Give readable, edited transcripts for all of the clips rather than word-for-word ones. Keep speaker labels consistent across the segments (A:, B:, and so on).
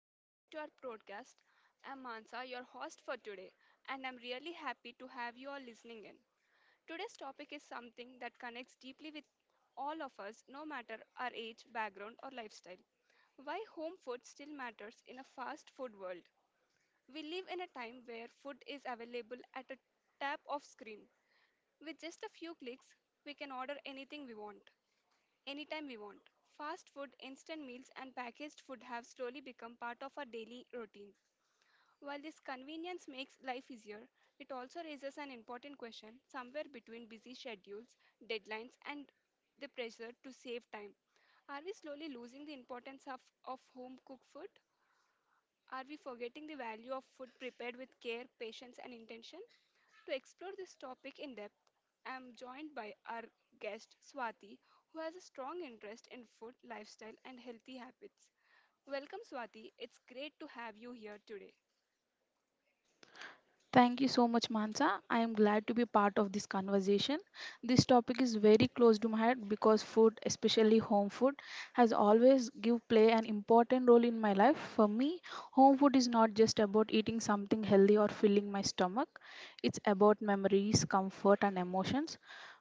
A: welcome back to our podcast. I'm Mansa, your host for today, and I'm really happy to have you all listening in. Today's topic is something that connects deeply with all of us, no matter our age, background, or lifestyle. Why home food still matters in a fast food world. We live in a time where food is available at a tap of screen. With just a few clicks, we can order anything we want anytime we want. Fast food, instant meals, and packaged food have slowly become part of our daily routine. While this convenience makes life easier, it also raises an important question somewhere between busy schedules, deadlines, and the pressure to save time. Are we slowly losing the importance of home cooked food? Are we forgetting the value of food prepared with care, patience, and intention? To explore this topic in depth, I am joined by our guest Swati, who has a strong interest in food, lifestyle, and healthy habits. Welcome, Swati. It's great to have you here today.
B: Thank you so much, Mansa. I am glad to be part of this conversation. This topic is very close to my heart because food, especially home food, has always give play an important role in my life. For me, home food is not just about eating something healthy or filling my stomach. It's about memories, comfort, and emotions.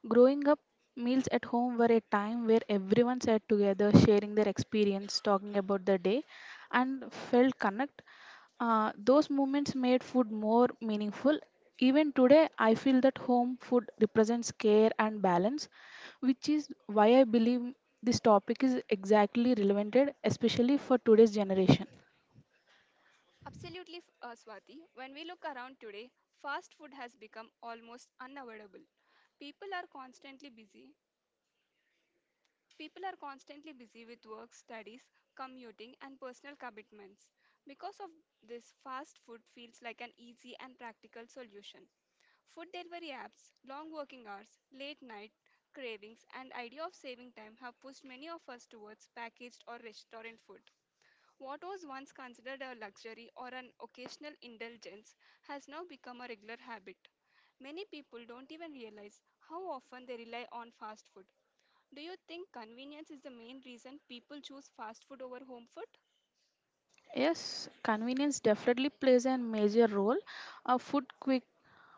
B: Growing up, meals at home were a time where everyone sat together, sharing their experience, talking about the day, and felt connect. Those moments made food more meaningful. Even today, I feel that home food represents care and balance, which is why I believe this topic is exactly relevant, especially for today's generation.
A: Absolutely, Swati. When we look around today, fast food has become almost unavoidable. People are constantly busy. People are constantly busy with work, studies, commuting, and personal commitments. Because of this, fast food feels like an easy and practical solution. Food delivery apps, long working hours, late night cravings, and idea of saving time have pushed many of us towards packaged or restaurant food. What was once considered a luxury or an occasional indulgence has now become a regular habit. Many people don't even realize how often they rely on fast food. Do you think convenience is the main reason people choose fast food over home food?
B: Yes, convenience definitely plays a major role. Food quick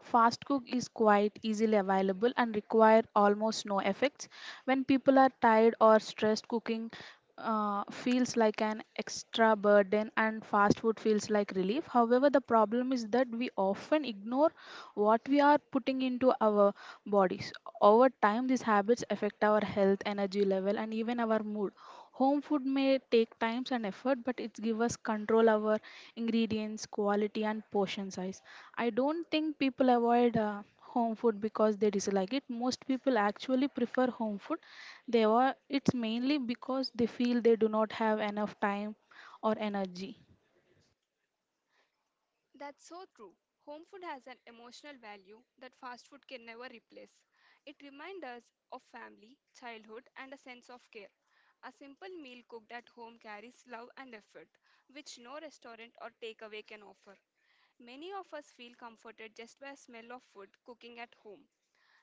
B: Fast cook is quite easily available and require almost no effects. When people are tired or stressed, cooking feels like an extra burden and fast food feels like relief. However, the problem is that we often ignore what we are putting into our bodies. Over time, these habits affect our health, energy level, and even our mood. Home food may take times and effort, but it gives us control over ingredients, quality, and portion size. I don't think people avoid home food because they dislike it. Most people actually prefer home food. They are, it's mainly because they feel they do not have enough time or energy.
A: That's so true. Home food has an emotional value that fast food can never replace. It reminds us of family, childhood, and a sense of care. A simple meal cooked at home carries love and effort, which no restaurant or takeaway can offer. Many of us feel comforted just by a smell of food cooking at home.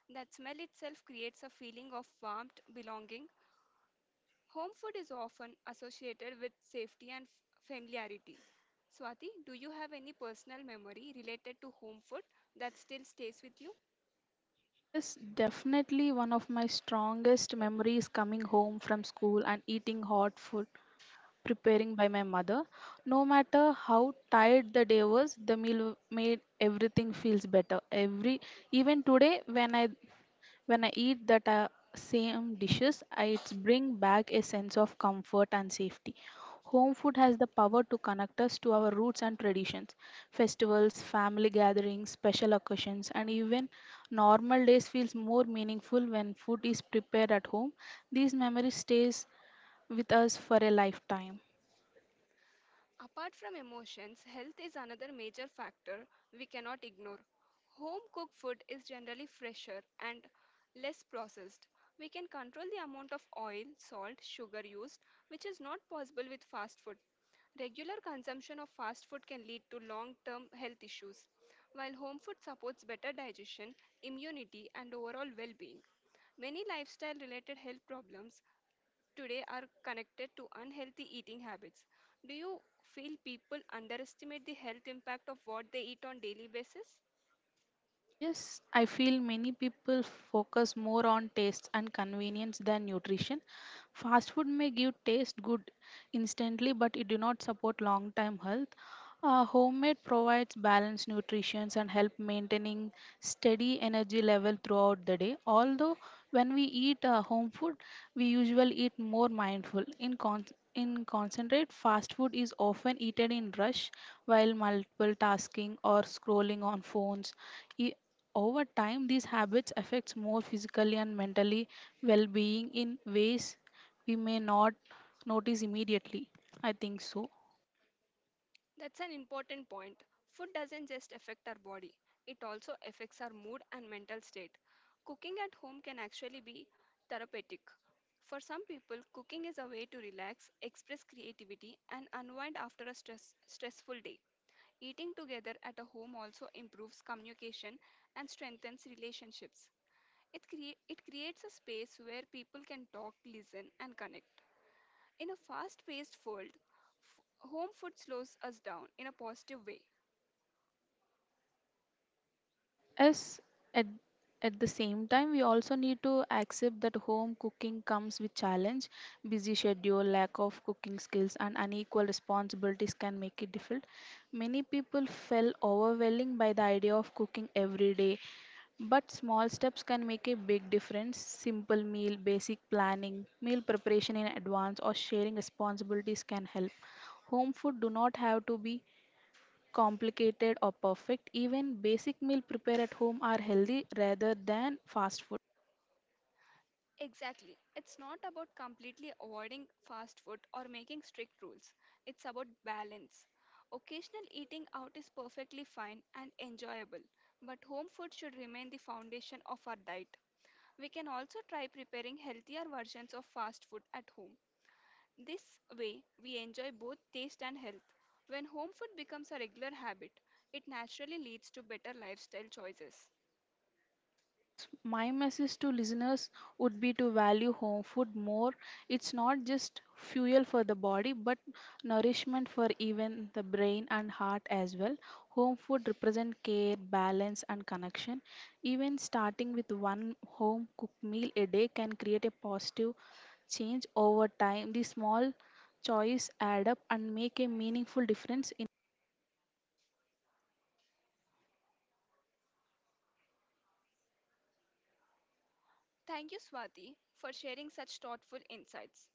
A: That smell itself creates a feeling of warmth, belonging. Home food is often associated with safety and familiarity. Swati, do you have any personal memory related to home food that still stays with you?
B: Yes, definitely one of my strongest memories coming home from school and eating hot food preparing by my mother. No matter how tired the day was, the meal made everything feels better. Every even today when I eat that same dishes, I it's bring back a sense of comfort and safety. Home food has the power to connect us to our roots and traditions. Festivals, family gatherings, special occasions, and even normal days feels more meaningful when food is prepared at home. These memories stays with us for a lifetime.
A: Apart from emotions, health is another major factor we cannot ignore. Home cooked food is generally fresher and less processed. We can control the amount of oil, salt, sugar used, which is not possible with fast food. Regular consumption of fast food can lead to long term health issues, while home food supports better digestion, immunity, and overall well being. Many lifestyle related health problems today are connected to unhealthy eating habits. Do you feel people underestimate the health impact of what they eat on daily basis?
B: Yes, I feel many people focus more on taste and convenience than nutrition. Fast food may give taste good instantly, but it do not support long-term health. Homemade provides balanced nutrition and help maintaining steady energy level throughout the day. Although when we eat home food, we usually eat more mindful. In concentrate, fast food is often eaten in rush while multiple tasking or scrolling on phones I- over time these habits affects more physically and mentally well-being in ways we may not notice immediately, I think so.
A: That's an important point. Food doesn't just affect our body, it also affects our mood and mental state. Cooking at home can actually be therapeutic. For some people, cooking is a way to relax, express creativity, and unwind after a stressful day. Eating together at a home also improves communication and strengthens relationships. It creates a space where people can talk, listen, and connect. In a fast paced world, home food slows us down in a positive way.
B: As at, at the same time we also need to accept that home cooking comes with challenge, busy schedule, lack of cooking skills and unequal responsibilities can make it difficult. Many people felt overwhelmed by the idea of cooking every day. But small steps can make a big difference. Simple meal, basic planning, meal preparation in advance, or sharing responsibilities can help. Home food do not have to be complicated or perfect. Even basic meal prepared at home are healthy rather than fast food.
A: Exactly. It's not about completely avoiding fast food or making strict rules, it's about balance. Occasional eating out is perfectly fine and enjoyable, but home food should remain the foundation of our diet. We can also try preparing healthier versions of fast food at home. This way, we enjoy both taste and health. When home food becomes a regular habit, it naturally leads to better lifestyle choices.
B: Yes, my message to listeners would be to value home food more. It's not just fuel for the body, but nourishment for even the brain and heart as well. Home food represents care, balance, and connection. Even starting with one home cooked meal a day can create a positive change over time. The small choice add up and make a meaningful difference in
A: Thank you, Swati, for sharing such thoughtful insights.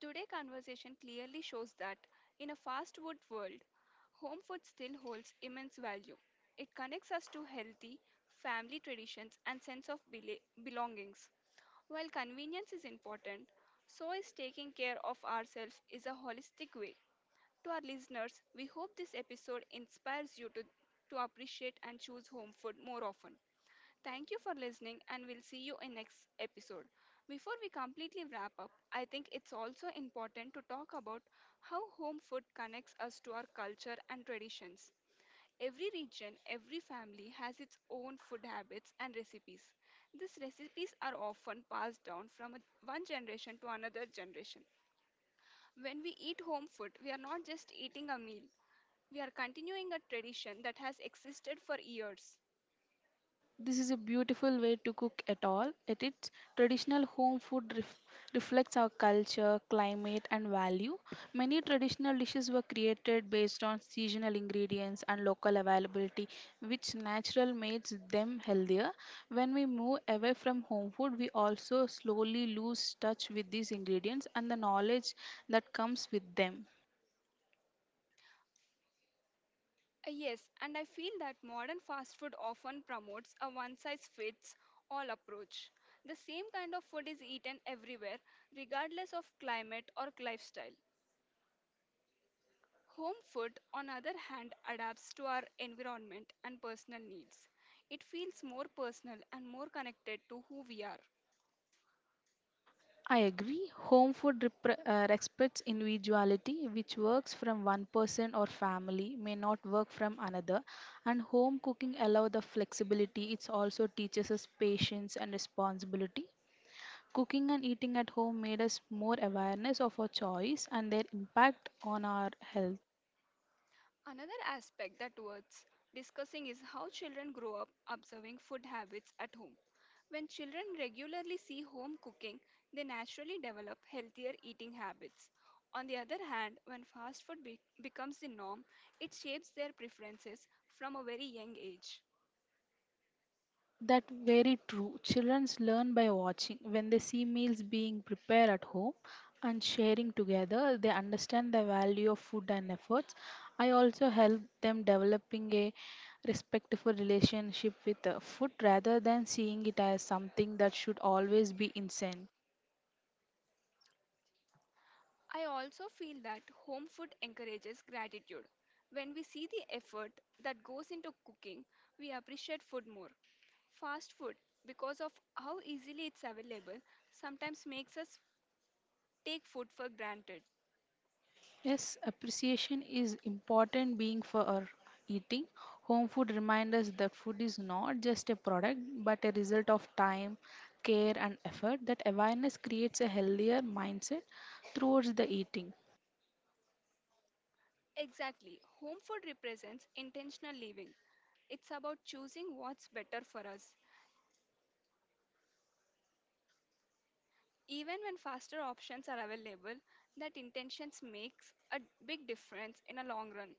A: Today's conversation clearly shows that in a fast food world, home food still holds immense value. It connects us to healthy family traditions and sense of belongings. While convenience is important, so is taking care of ourselves is a holistic way to our listeners. We hope this episode inspires you to appreciate and choose home food more often. Thank you for listening, and we'll see you in next episode. Before we completely wrap up, I think it's also important to talk about how home food connects us to our culture and traditions. Every region, every family has its own food habits and recipes. These recipes are often passed down from one generation to another generation. When we eat home food, we are not just eating a meal, we are continuing a tradition that has existed for years.
B: this is a beautiful way to cook at all. At its traditional home food reflects our culture, climate and value. Many traditional dishes were created based on seasonal ingredients and local availability which natural makes them healthier. When we move away from home food, we also slowly lose touch with these ingredients and the knowledge that comes with them.
A: Yes, and I feel that modern fast food often promotes a one size fits all approach. The same kind of food is eaten everywhere, regardless of climate or lifestyle. Home food, on other hand, adapts to our environment and personal needs. It feels more personal and more connected to who we are.
B: I agree. Home food repre- respects individuality, which works from one person or family, may not work from another. And home cooking allows the flexibility. It also teaches us patience and responsibility. Cooking and eating at home made us more awareness of our choice and their impact on our health.
A: Another aspect that worth discussing is how children grow up observing food habits at home. When children regularly see home cooking, they naturally develop healthier eating habits. On the other hand, when fast food becomes the norm, it shapes their preferences from a very young age.
B: That very true. Children learn by watching. When they see meals being prepared at home and sharing together, they understand the value of food and efforts. I also help them developing a respectful relationship with food rather than seeing it as something that should always be insane.
A: I also feel that home food encourages gratitude. When we see the effort that goes into cooking, we appreciate food more. Fast food, because of how easily it's available, sometimes makes us take food for granted.
B: Yes, appreciation is important being for our eating. Home food reminds us that food is not just a product but a result of time, care and effort. That awareness creates a healthier mindset towards the eating.
A: Exactly. Home food represents intentional living. It's about choosing what's better for us. Even when faster options are available, that intentions makes a big difference in a long run.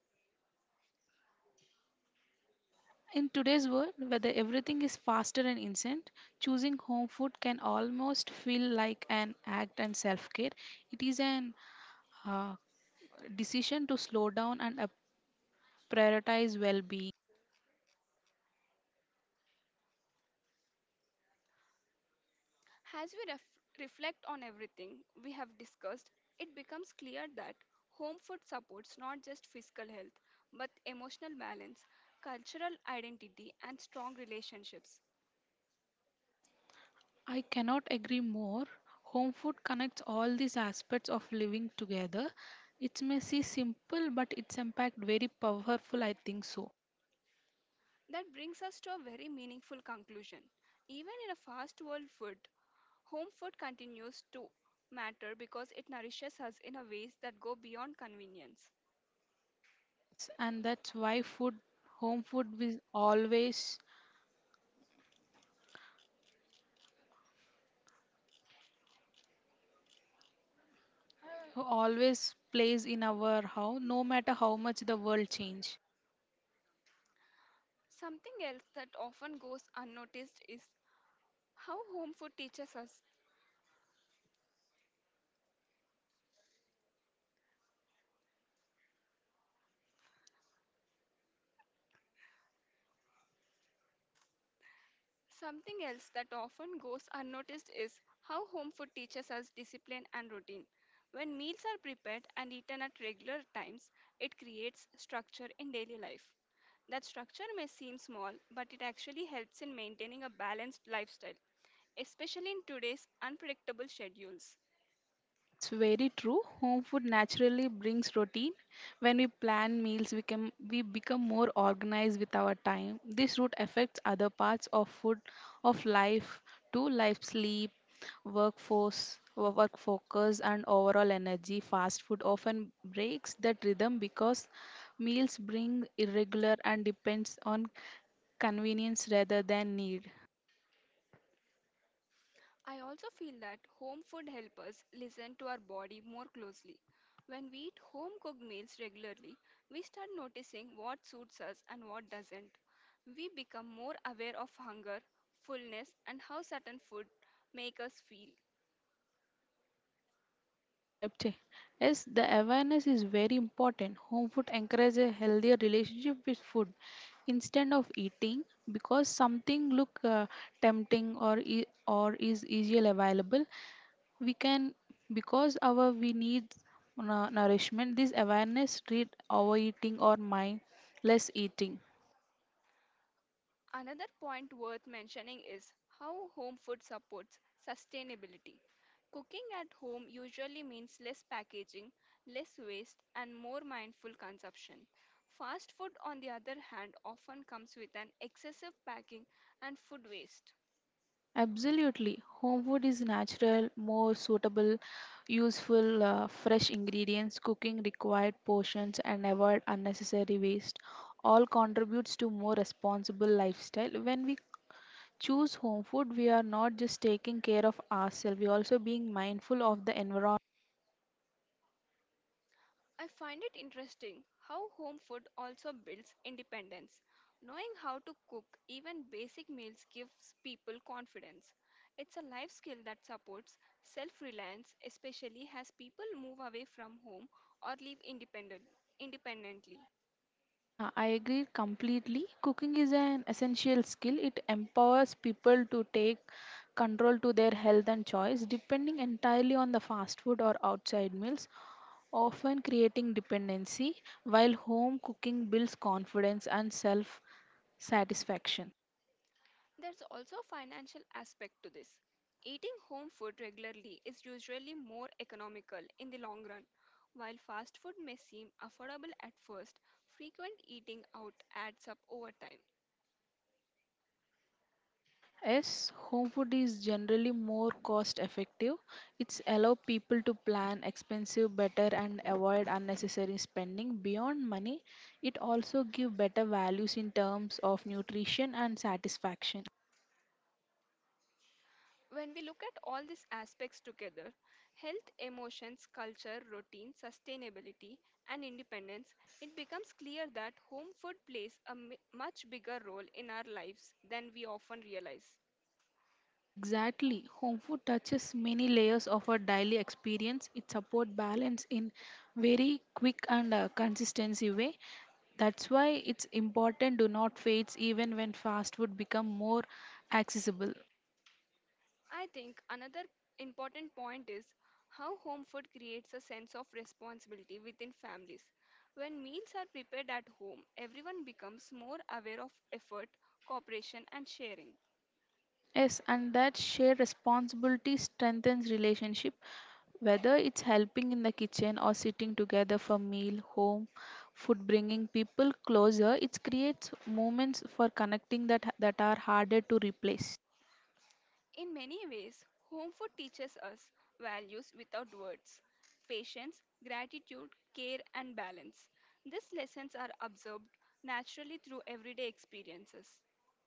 B: In today's world, whether everything is faster and instant, choosing home food can almost feel like an act and self care. It is an uh, decision to slow down and prioritize well being.
A: As we reflect on everything we have discussed, it becomes clear that home food supports not just physical health but emotional balance, cultural identity, and strong relationships.
B: I cannot agree more. Home food connects all these aspects of living together. It may seem simple, but its impact very powerful. I think so.
A: That brings us to a very meaningful conclusion. Even in a fast world food, home food continues to matter because it nourishes us in a ways that go beyond convenience.
B: Yes, and that's why food, home food, will always, always plays in our how, no matter how much the world change.
A: Something else that often goes unnoticed is how home food teaches us Something else that often goes unnoticed is how home food teaches us discipline and routine. When meals are prepared and eaten at regular times, it creates structure in daily life. That structure may seem small, but it actually helps in maintaining a balanced lifestyle, especially in today's unpredictable schedules.
B: That's very true. Home food naturally brings routine. When we plan meals, we become more organized with our time. This route affects other parts of food of life too, like sleep, workforce, work focus, and overall energy. Fast food often breaks that rhythm because meals bring irregular and depends on convenience rather than need.
A: I also feel that home food helps us listen to our body more closely. When we eat home cooked meals regularly, we start noticing what suits us and what doesn't. We become more aware of hunger, fullness, and how certain food make us feel.
B: Type change. Yes, the awareness is very important. Home food encourages a healthier relationship with food. Instead of eating because something look tempting or or is easily available, we can because our we need nourishment. This awareness treat overeating or mindless eating.
A: Another point worth mentioning is how home food supports sustainability. Cooking at home usually means less packaging, less waste, and more mindful consumption. Fast food, on the other hand, often comes with an excessive packing and food waste.
B: Absolutely. Home food is natural, more suitable, useful, fresh ingredients, cooking required portions, and avoid unnecessary waste. All contributes to more responsible lifestyle. When we choose home food, we are not just taking care of ourselves, we are also being mindful of the environment.
A: I find it interesting how home food also builds independence. Knowing how to cook even basic meals gives people confidence. It's a life skill that supports self reliance, especially as people move away from home or live independently.
B: Yeah, I agree completely. Cooking is an essential skill. It empowers people to take control to their health and choice, depending entirely on the fast food or outside meals often creating dependency, while home cooking builds confidence and self satisfaction.
A: There's also a financial aspect to this. Eating home food regularly is usually more economical in the long run. While fast food may seem affordable at first, frequent eating out adds up over time.
B: Yes, home food is generally more cost effective. It's allow people to plan expensive better and avoid unnecessary spending beyond money. It also give better values in terms of nutrition and satisfaction.
A: When we look at all these aspects together — health, emotions, culture, routine, sustainability, and independence — it becomes clear that home food plays a much bigger role in our lives than we often realize.
B: Exactly. Home food touches many layers of our daily experience. It support balance in very quick and consistency way. That's why it's important do not fades even when fast food become more accessible.
A: I think another important point is how home food creates a sense of responsibility within families. When meals are prepared at home, everyone becomes more aware of effort, cooperation, and sharing.
B: Yes, and that shared responsibility strengthens relationship, whether it's helping in the kitchen or sitting together for meal, home food bringing people closer. It creates moments for connecting that are harder to replace.
A: In many ways, home food teaches us values without words — patience, gratitude, care, and balance. These lessons are observed naturally through everyday experiences.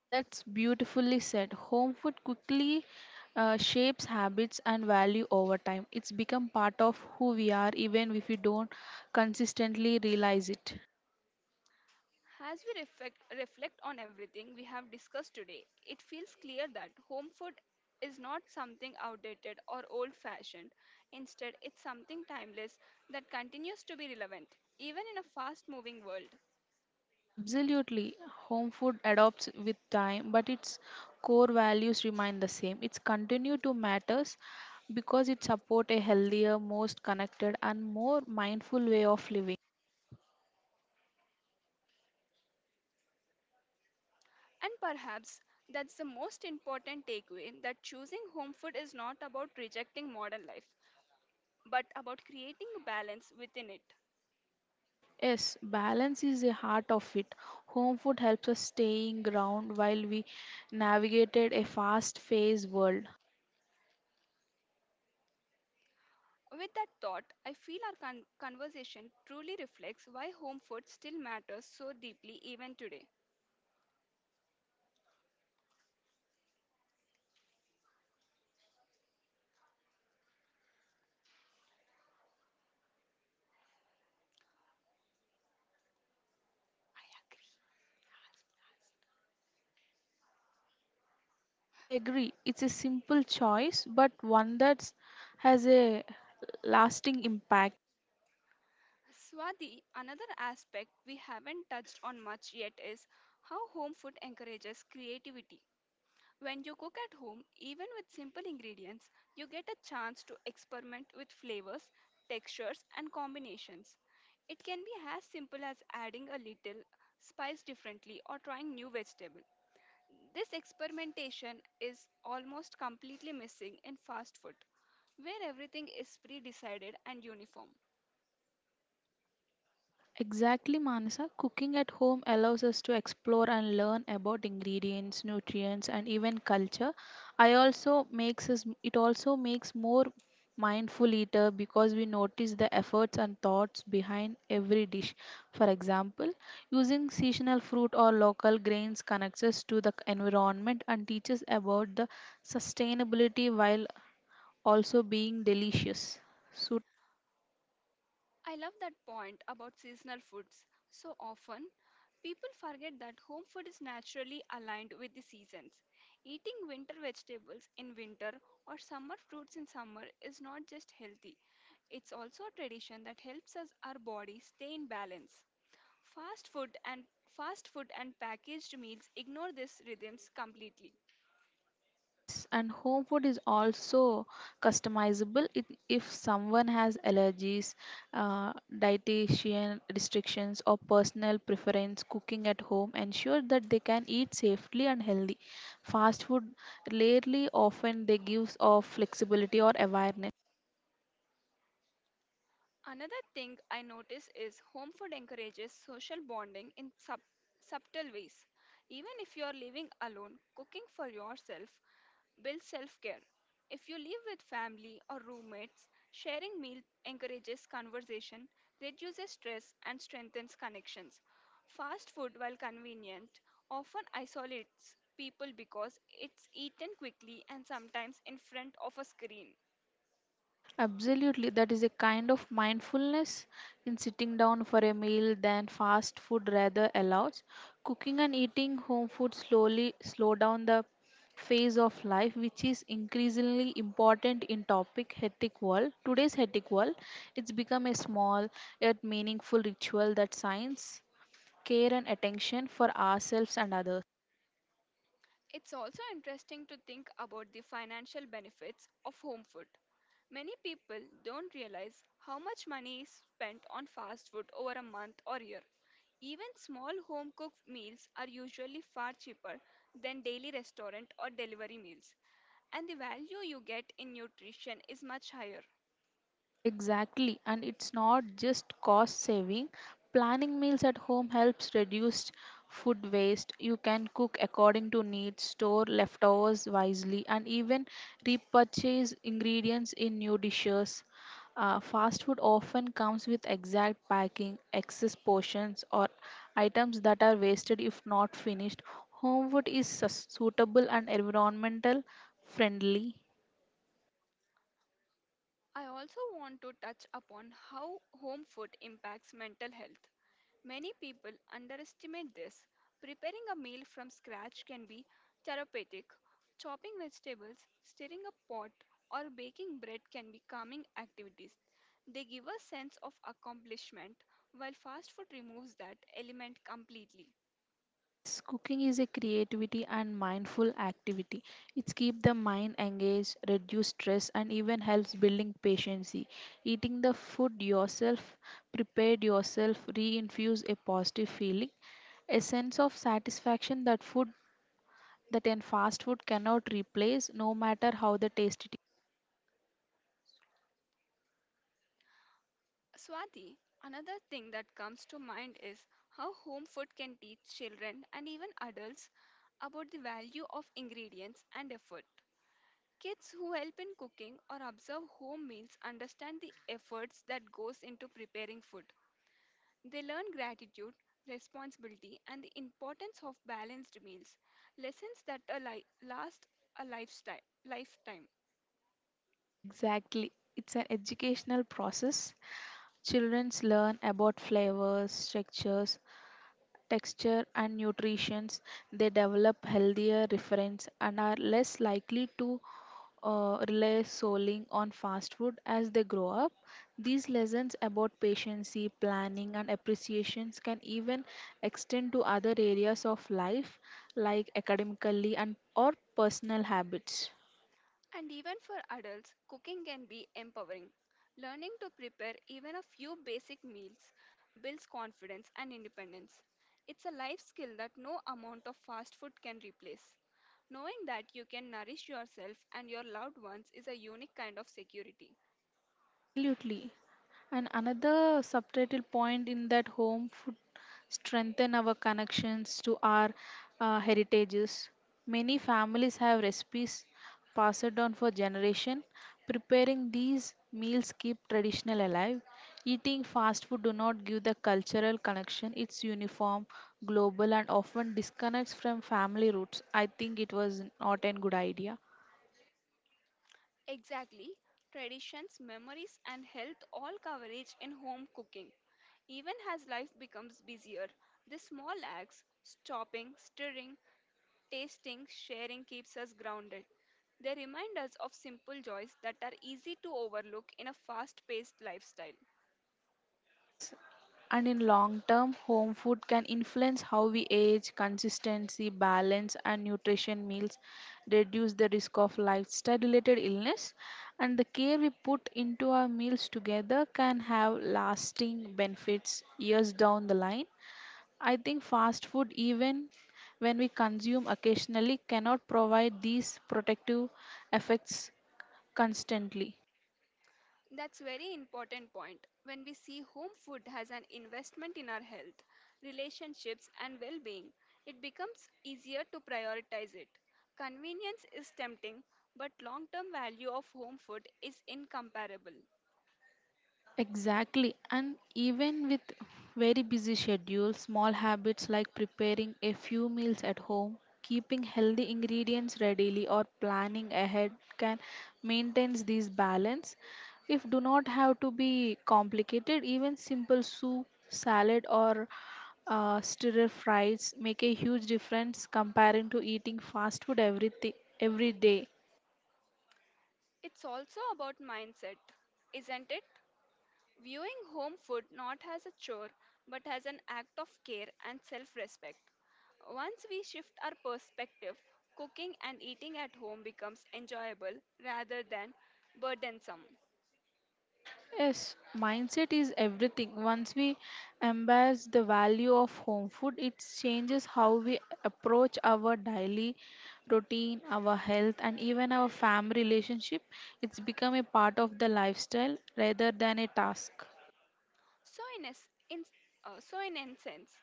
B: That's beautifully said. Home food quickly shapes habits and value over time. It's become part of who we are, even if we don't consistently realize it.
A: As we reflect on everything we have discussed today, it feels clear that home food is not something outdated or old fashioned. Instead, it's something timeless that continues to be relevant, even in a fast moving world.
B: Absolutely. Home food adopts with time, but its core values remain the same. It's continue to matters because it support a healthier, most connected and more mindful way of living.
A: And perhaps that's the most important takeaway, that choosing home food is not about rejecting modern life, but about creating a balance within it.
B: Yes, balance is the heart of it. Home food helps us staying ground while we navigated a fast-paced world.
A: With that thought, I feel our conversation truly reflects why home food still matters so deeply even today. I agree.
B: I agree. It's a simple choice, but one that has a lasting impact.
A: Swati, another aspect we haven't touched on much yet is how home food encourages creativity. When you cook at home, even with simple ingredients, you get a chance to experiment with flavors, textures, and combinations. It can be as simple as adding a little spice differently or trying new vegetable. This experimentation is almost completely missing in fast food, where everything is pre decided and uniform.
B: Exactly, Manasa. Cooking at home allows us to explore and learn about ingredients, nutrients, and even culture. I also makes us it also makes more mindful eater because we notice the efforts and thoughts behind every dish. For example, using seasonal fruit or local grains connects us to the environment and teaches about the sustainability while also being delicious. So.
A: I love that point about seasonal foods. So often, people forget that home food is naturally aligned with the seasons. Eating winter vegetables in winter or summer fruits in summer is not just healthy, it's also a tradition that helps us our body stay in balance. Fast food and Fast food and packaged meals ignore these rhythms completely.
B: Yes, and home food is also customizable it, if someone has allergies, dietitian restrictions, or personal preference. Cooking at home ensure that they can eat safely and healthy. Fast food rarely often they gives of flexibility or awareness.
A: Another thing I notice is home food encourages social bonding in subtle ways. Even if you are living alone, cooking for yourself build self care. If you live with family or roommates, sharing meals encourages conversation, reduces stress, and strengthens connections. Fast food, while convenient, often isolates people because it's eaten quickly and sometimes in front of a screen.
B: Absolutely, that is a kind of mindfulness in sitting down for a meal than fast food rather allows. Cooking and eating home food slowly slow down the phase of life which is increasingly important in topic hectic world, today's hectic world. It's become a small yet meaningful ritual that signs care and attention for ourselves and others.
A: It's also interesting to think about the financial benefits of home food. Many people don't realize how much money is spent on fast food over a month or year. Even small home cooked meals are usually far cheaper than daily restaurant or delivery meals, and the value you get in nutrition is much higher.
B: Exactly, and it's not just cost saving. Planning meals at home helps reduce food waste. You can cook according to needs, store leftovers wisely, and even repurchase ingredients in new dishes. Fast food often comes with exact packing, excess portions, or items that are wasted if not finished. Home food is suitable and environmental friendly.
A: I also want to touch upon how home food impacts mental health. Many people underestimate this. Preparing a meal from scratch can be therapeutic. Chopping vegetables, stirring a pot, or baking bread can be calming activities. They give a sense of accomplishment, while fast food removes that element completely.
B: Yes, cooking is a creativity and mindful activity. It's keep the mind engaged, reduce stress and even helps building patience. Eating the food yourself, prepared yourself, reinfuse a positive feeling, a sense of satisfaction that food that in fast food cannot replace no matter how the taste it is.
A: Swati, another thing that comes to mind is how home food can teach children and even adults about the value of ingredients and effort. Kids who help in cooking or observe home meals understand the efforts that goes into preparing food. They learn gratitude, responsibility and the importance of balanced meals, lessons that last a lifestyle lifetime.
B: Exactly. It's an educational process. Children learn about flavors, textures, texture, and nutrition, they develop healthier reference and are less likely to rely solely on fast food as they grow up. These lessons about patience, planning, and appreciations can even extend to other areas of life like academically and or personal habits.
A: And even for adults, cooking can be empowering. Learning to prepare even a few basic meals builds confidence and independence. It's a life skill that no amount of fast food can replace. Knowing that you can nourish yourself and your loved ones is a unique kind of security.
B: Absolutely. And another subtitle point in that home food strengthen our connections to our heritages. Many families have recipes passed down for generation. Preparing these meals keep traditional alive. Eating fast food do not give the cultural connection. It's uniform, global, and often disconnects from family roots. I think it was not a good idea.
A: Exactly, traditions, memories, and health all coverage in home cooking. Even as life becomes busier, the small acts, stopping, stirring, tasting, sharing keeps us grounded. They remind us of simple joys that are easy to overlook in a fast-paced lifestyle.
B: And in long term, home food can influence how we age, consistency, balance, and nutrition meals, reduce the risk of lifestyle related illness, and the care we put into our meals together can have lasting benefits years down the line. I think fast food, even when we consume occasionally, cannot provide these protective effects constantly.
A: That's very important point. When we see home food has an investment in our health, relationships and well-being, it becomes easier to prioritize it. Convenience is tempting, but long-term value of home food is incomparable.
B: Exactly. And even with very busy schedules, small habits like preparing a few meals at home, keeping healthy ingredients readily, or planning ahead can maintain this balance. If do not have to be complicated, even simple soup, salad, or stir fries make a huge difference comparing to eating fast food everything every day.
A: It's also about mindset, isn't it? Viewing home food not as a chore but as an act of care and self respect. Once we shift our perspective, cooking and eating at home becomes enjoyable rather than burdensome.
B: Yes, mindset is everything. Once we embrace the value of home food, it changes how we approach our daily routine, our health, and even our family relationship. It's become a part of the lifestyle rather than a task.
A: So, in, a, s- in, so in essence,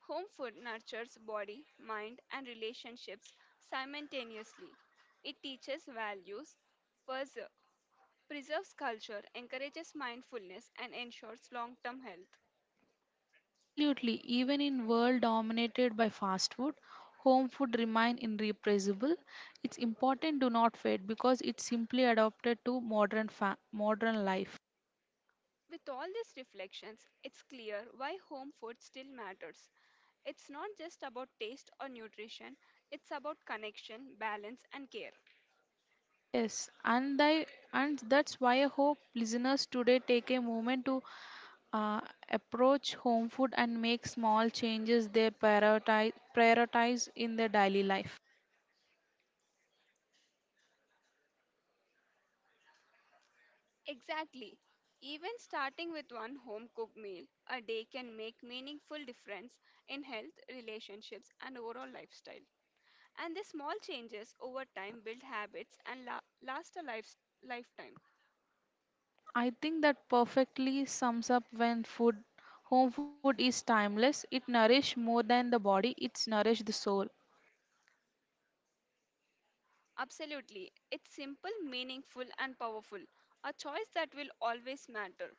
A: home food nurtures body, mind, and relationships simultaneously. It teaches values, pers- preserves culture, encourages mindfulness, and ensures long term health.
B: Absolutely, even in world dominated by fast food, home food remain irreplaceable. It's important to not fade because it's simply adapted to modern life.
A: With all these reflections, it's clear why home food still matters. It's not just about taste or nutrition, it's about connection, balance, and care.
B: Yes, and I, and that's why I hope listeners today take a moment to uh, approach home food and make small changes they prioritize in their daily life.
A: Exactly. Even starting with one home cooked meal a day can make meaningful difference in health, relationships, and overall lifestyle. And the small changes over time build habits and last a lifetime.
B: I think that perfectly sums up when food home food is timeless. It nourishes more than the body, it's nourishes the soul.
A: Absolutely. It's simple, meaningful, and powerful. A choice that will always matter.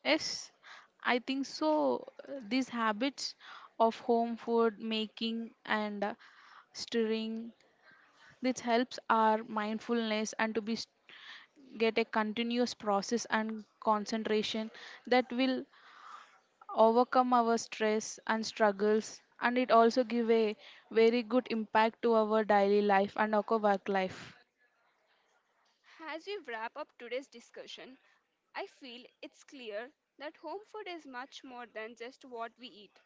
B: Yes, I think so. These habits of home food making and stirring, this helps our mindfulness and to be get a continuous process and concentration that will overcome our stress and struggles and it also give a very good impact to our daily life and our work life.
A: As we wrap up today's discussion, I feel it's clear that home food is much more than just what we eat.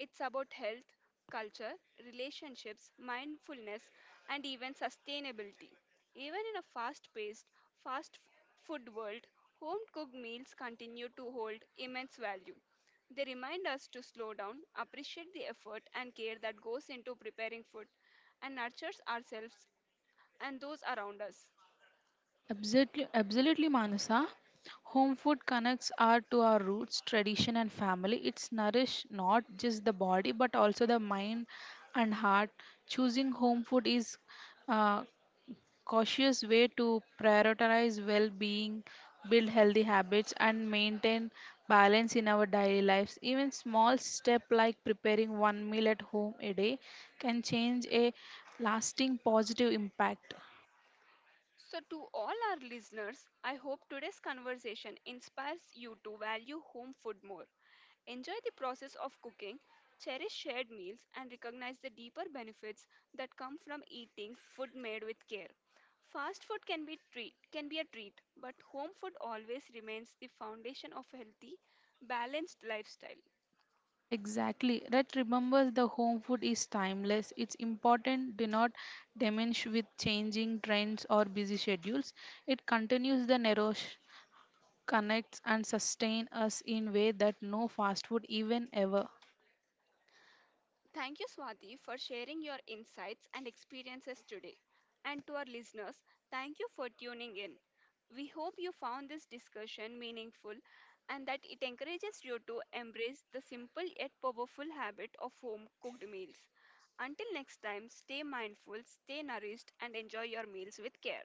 A: It's about health, culture, relationships, mindfulness, and even sustainability. Even in a fast paced, fast food world, home cooked meals continue to hold immense value. They remind us to slow down, appreciate the effort and care that goes into preparing food, and nurtures ourselves and those around us.
B: Absolutely, absolutely, Manasa. Home food connects our to our roots, tradition, and family. It's nourish not just the body but also the mind and heart. Choosing home food is uh, cautious way to prioritize well being, build healthy habits, and maintain balance in our daily lives. Even small step like preparing one meal at home a day can change a lasting positive impact.
A: So, to all our listeners, I hope today's conversation inspires you to value home food more. Enjoy the process of cooking, cherish shared meals, and recognize the deeper benefits that come from eating food made with care. Fast food can be a treat, but home food always remains the foundation of a healthy, balanced lifestyle.
B: Exactly. That remembers the home food is timeless. It's important do not diminish with changing trends or busy schedules. It continues the nourish, connects and sustain us in way that no fast food even ever.
A: Thank you, Swati, for sharing your insights and experiences today. And to our listeners, thank you for tuning in. We hope you found this discussion meaningful and that it encourages you to embrace the simple yet powerful habit of home cooked meals. Until next time, stay mindful, stay nourished, and enjoy your meals with care.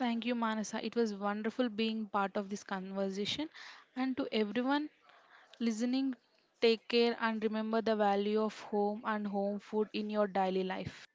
B: Thank you, Manasa. It was wonderful being part of this conversation. And to everyone listening, take care and remember the value of home and home food in your daily life.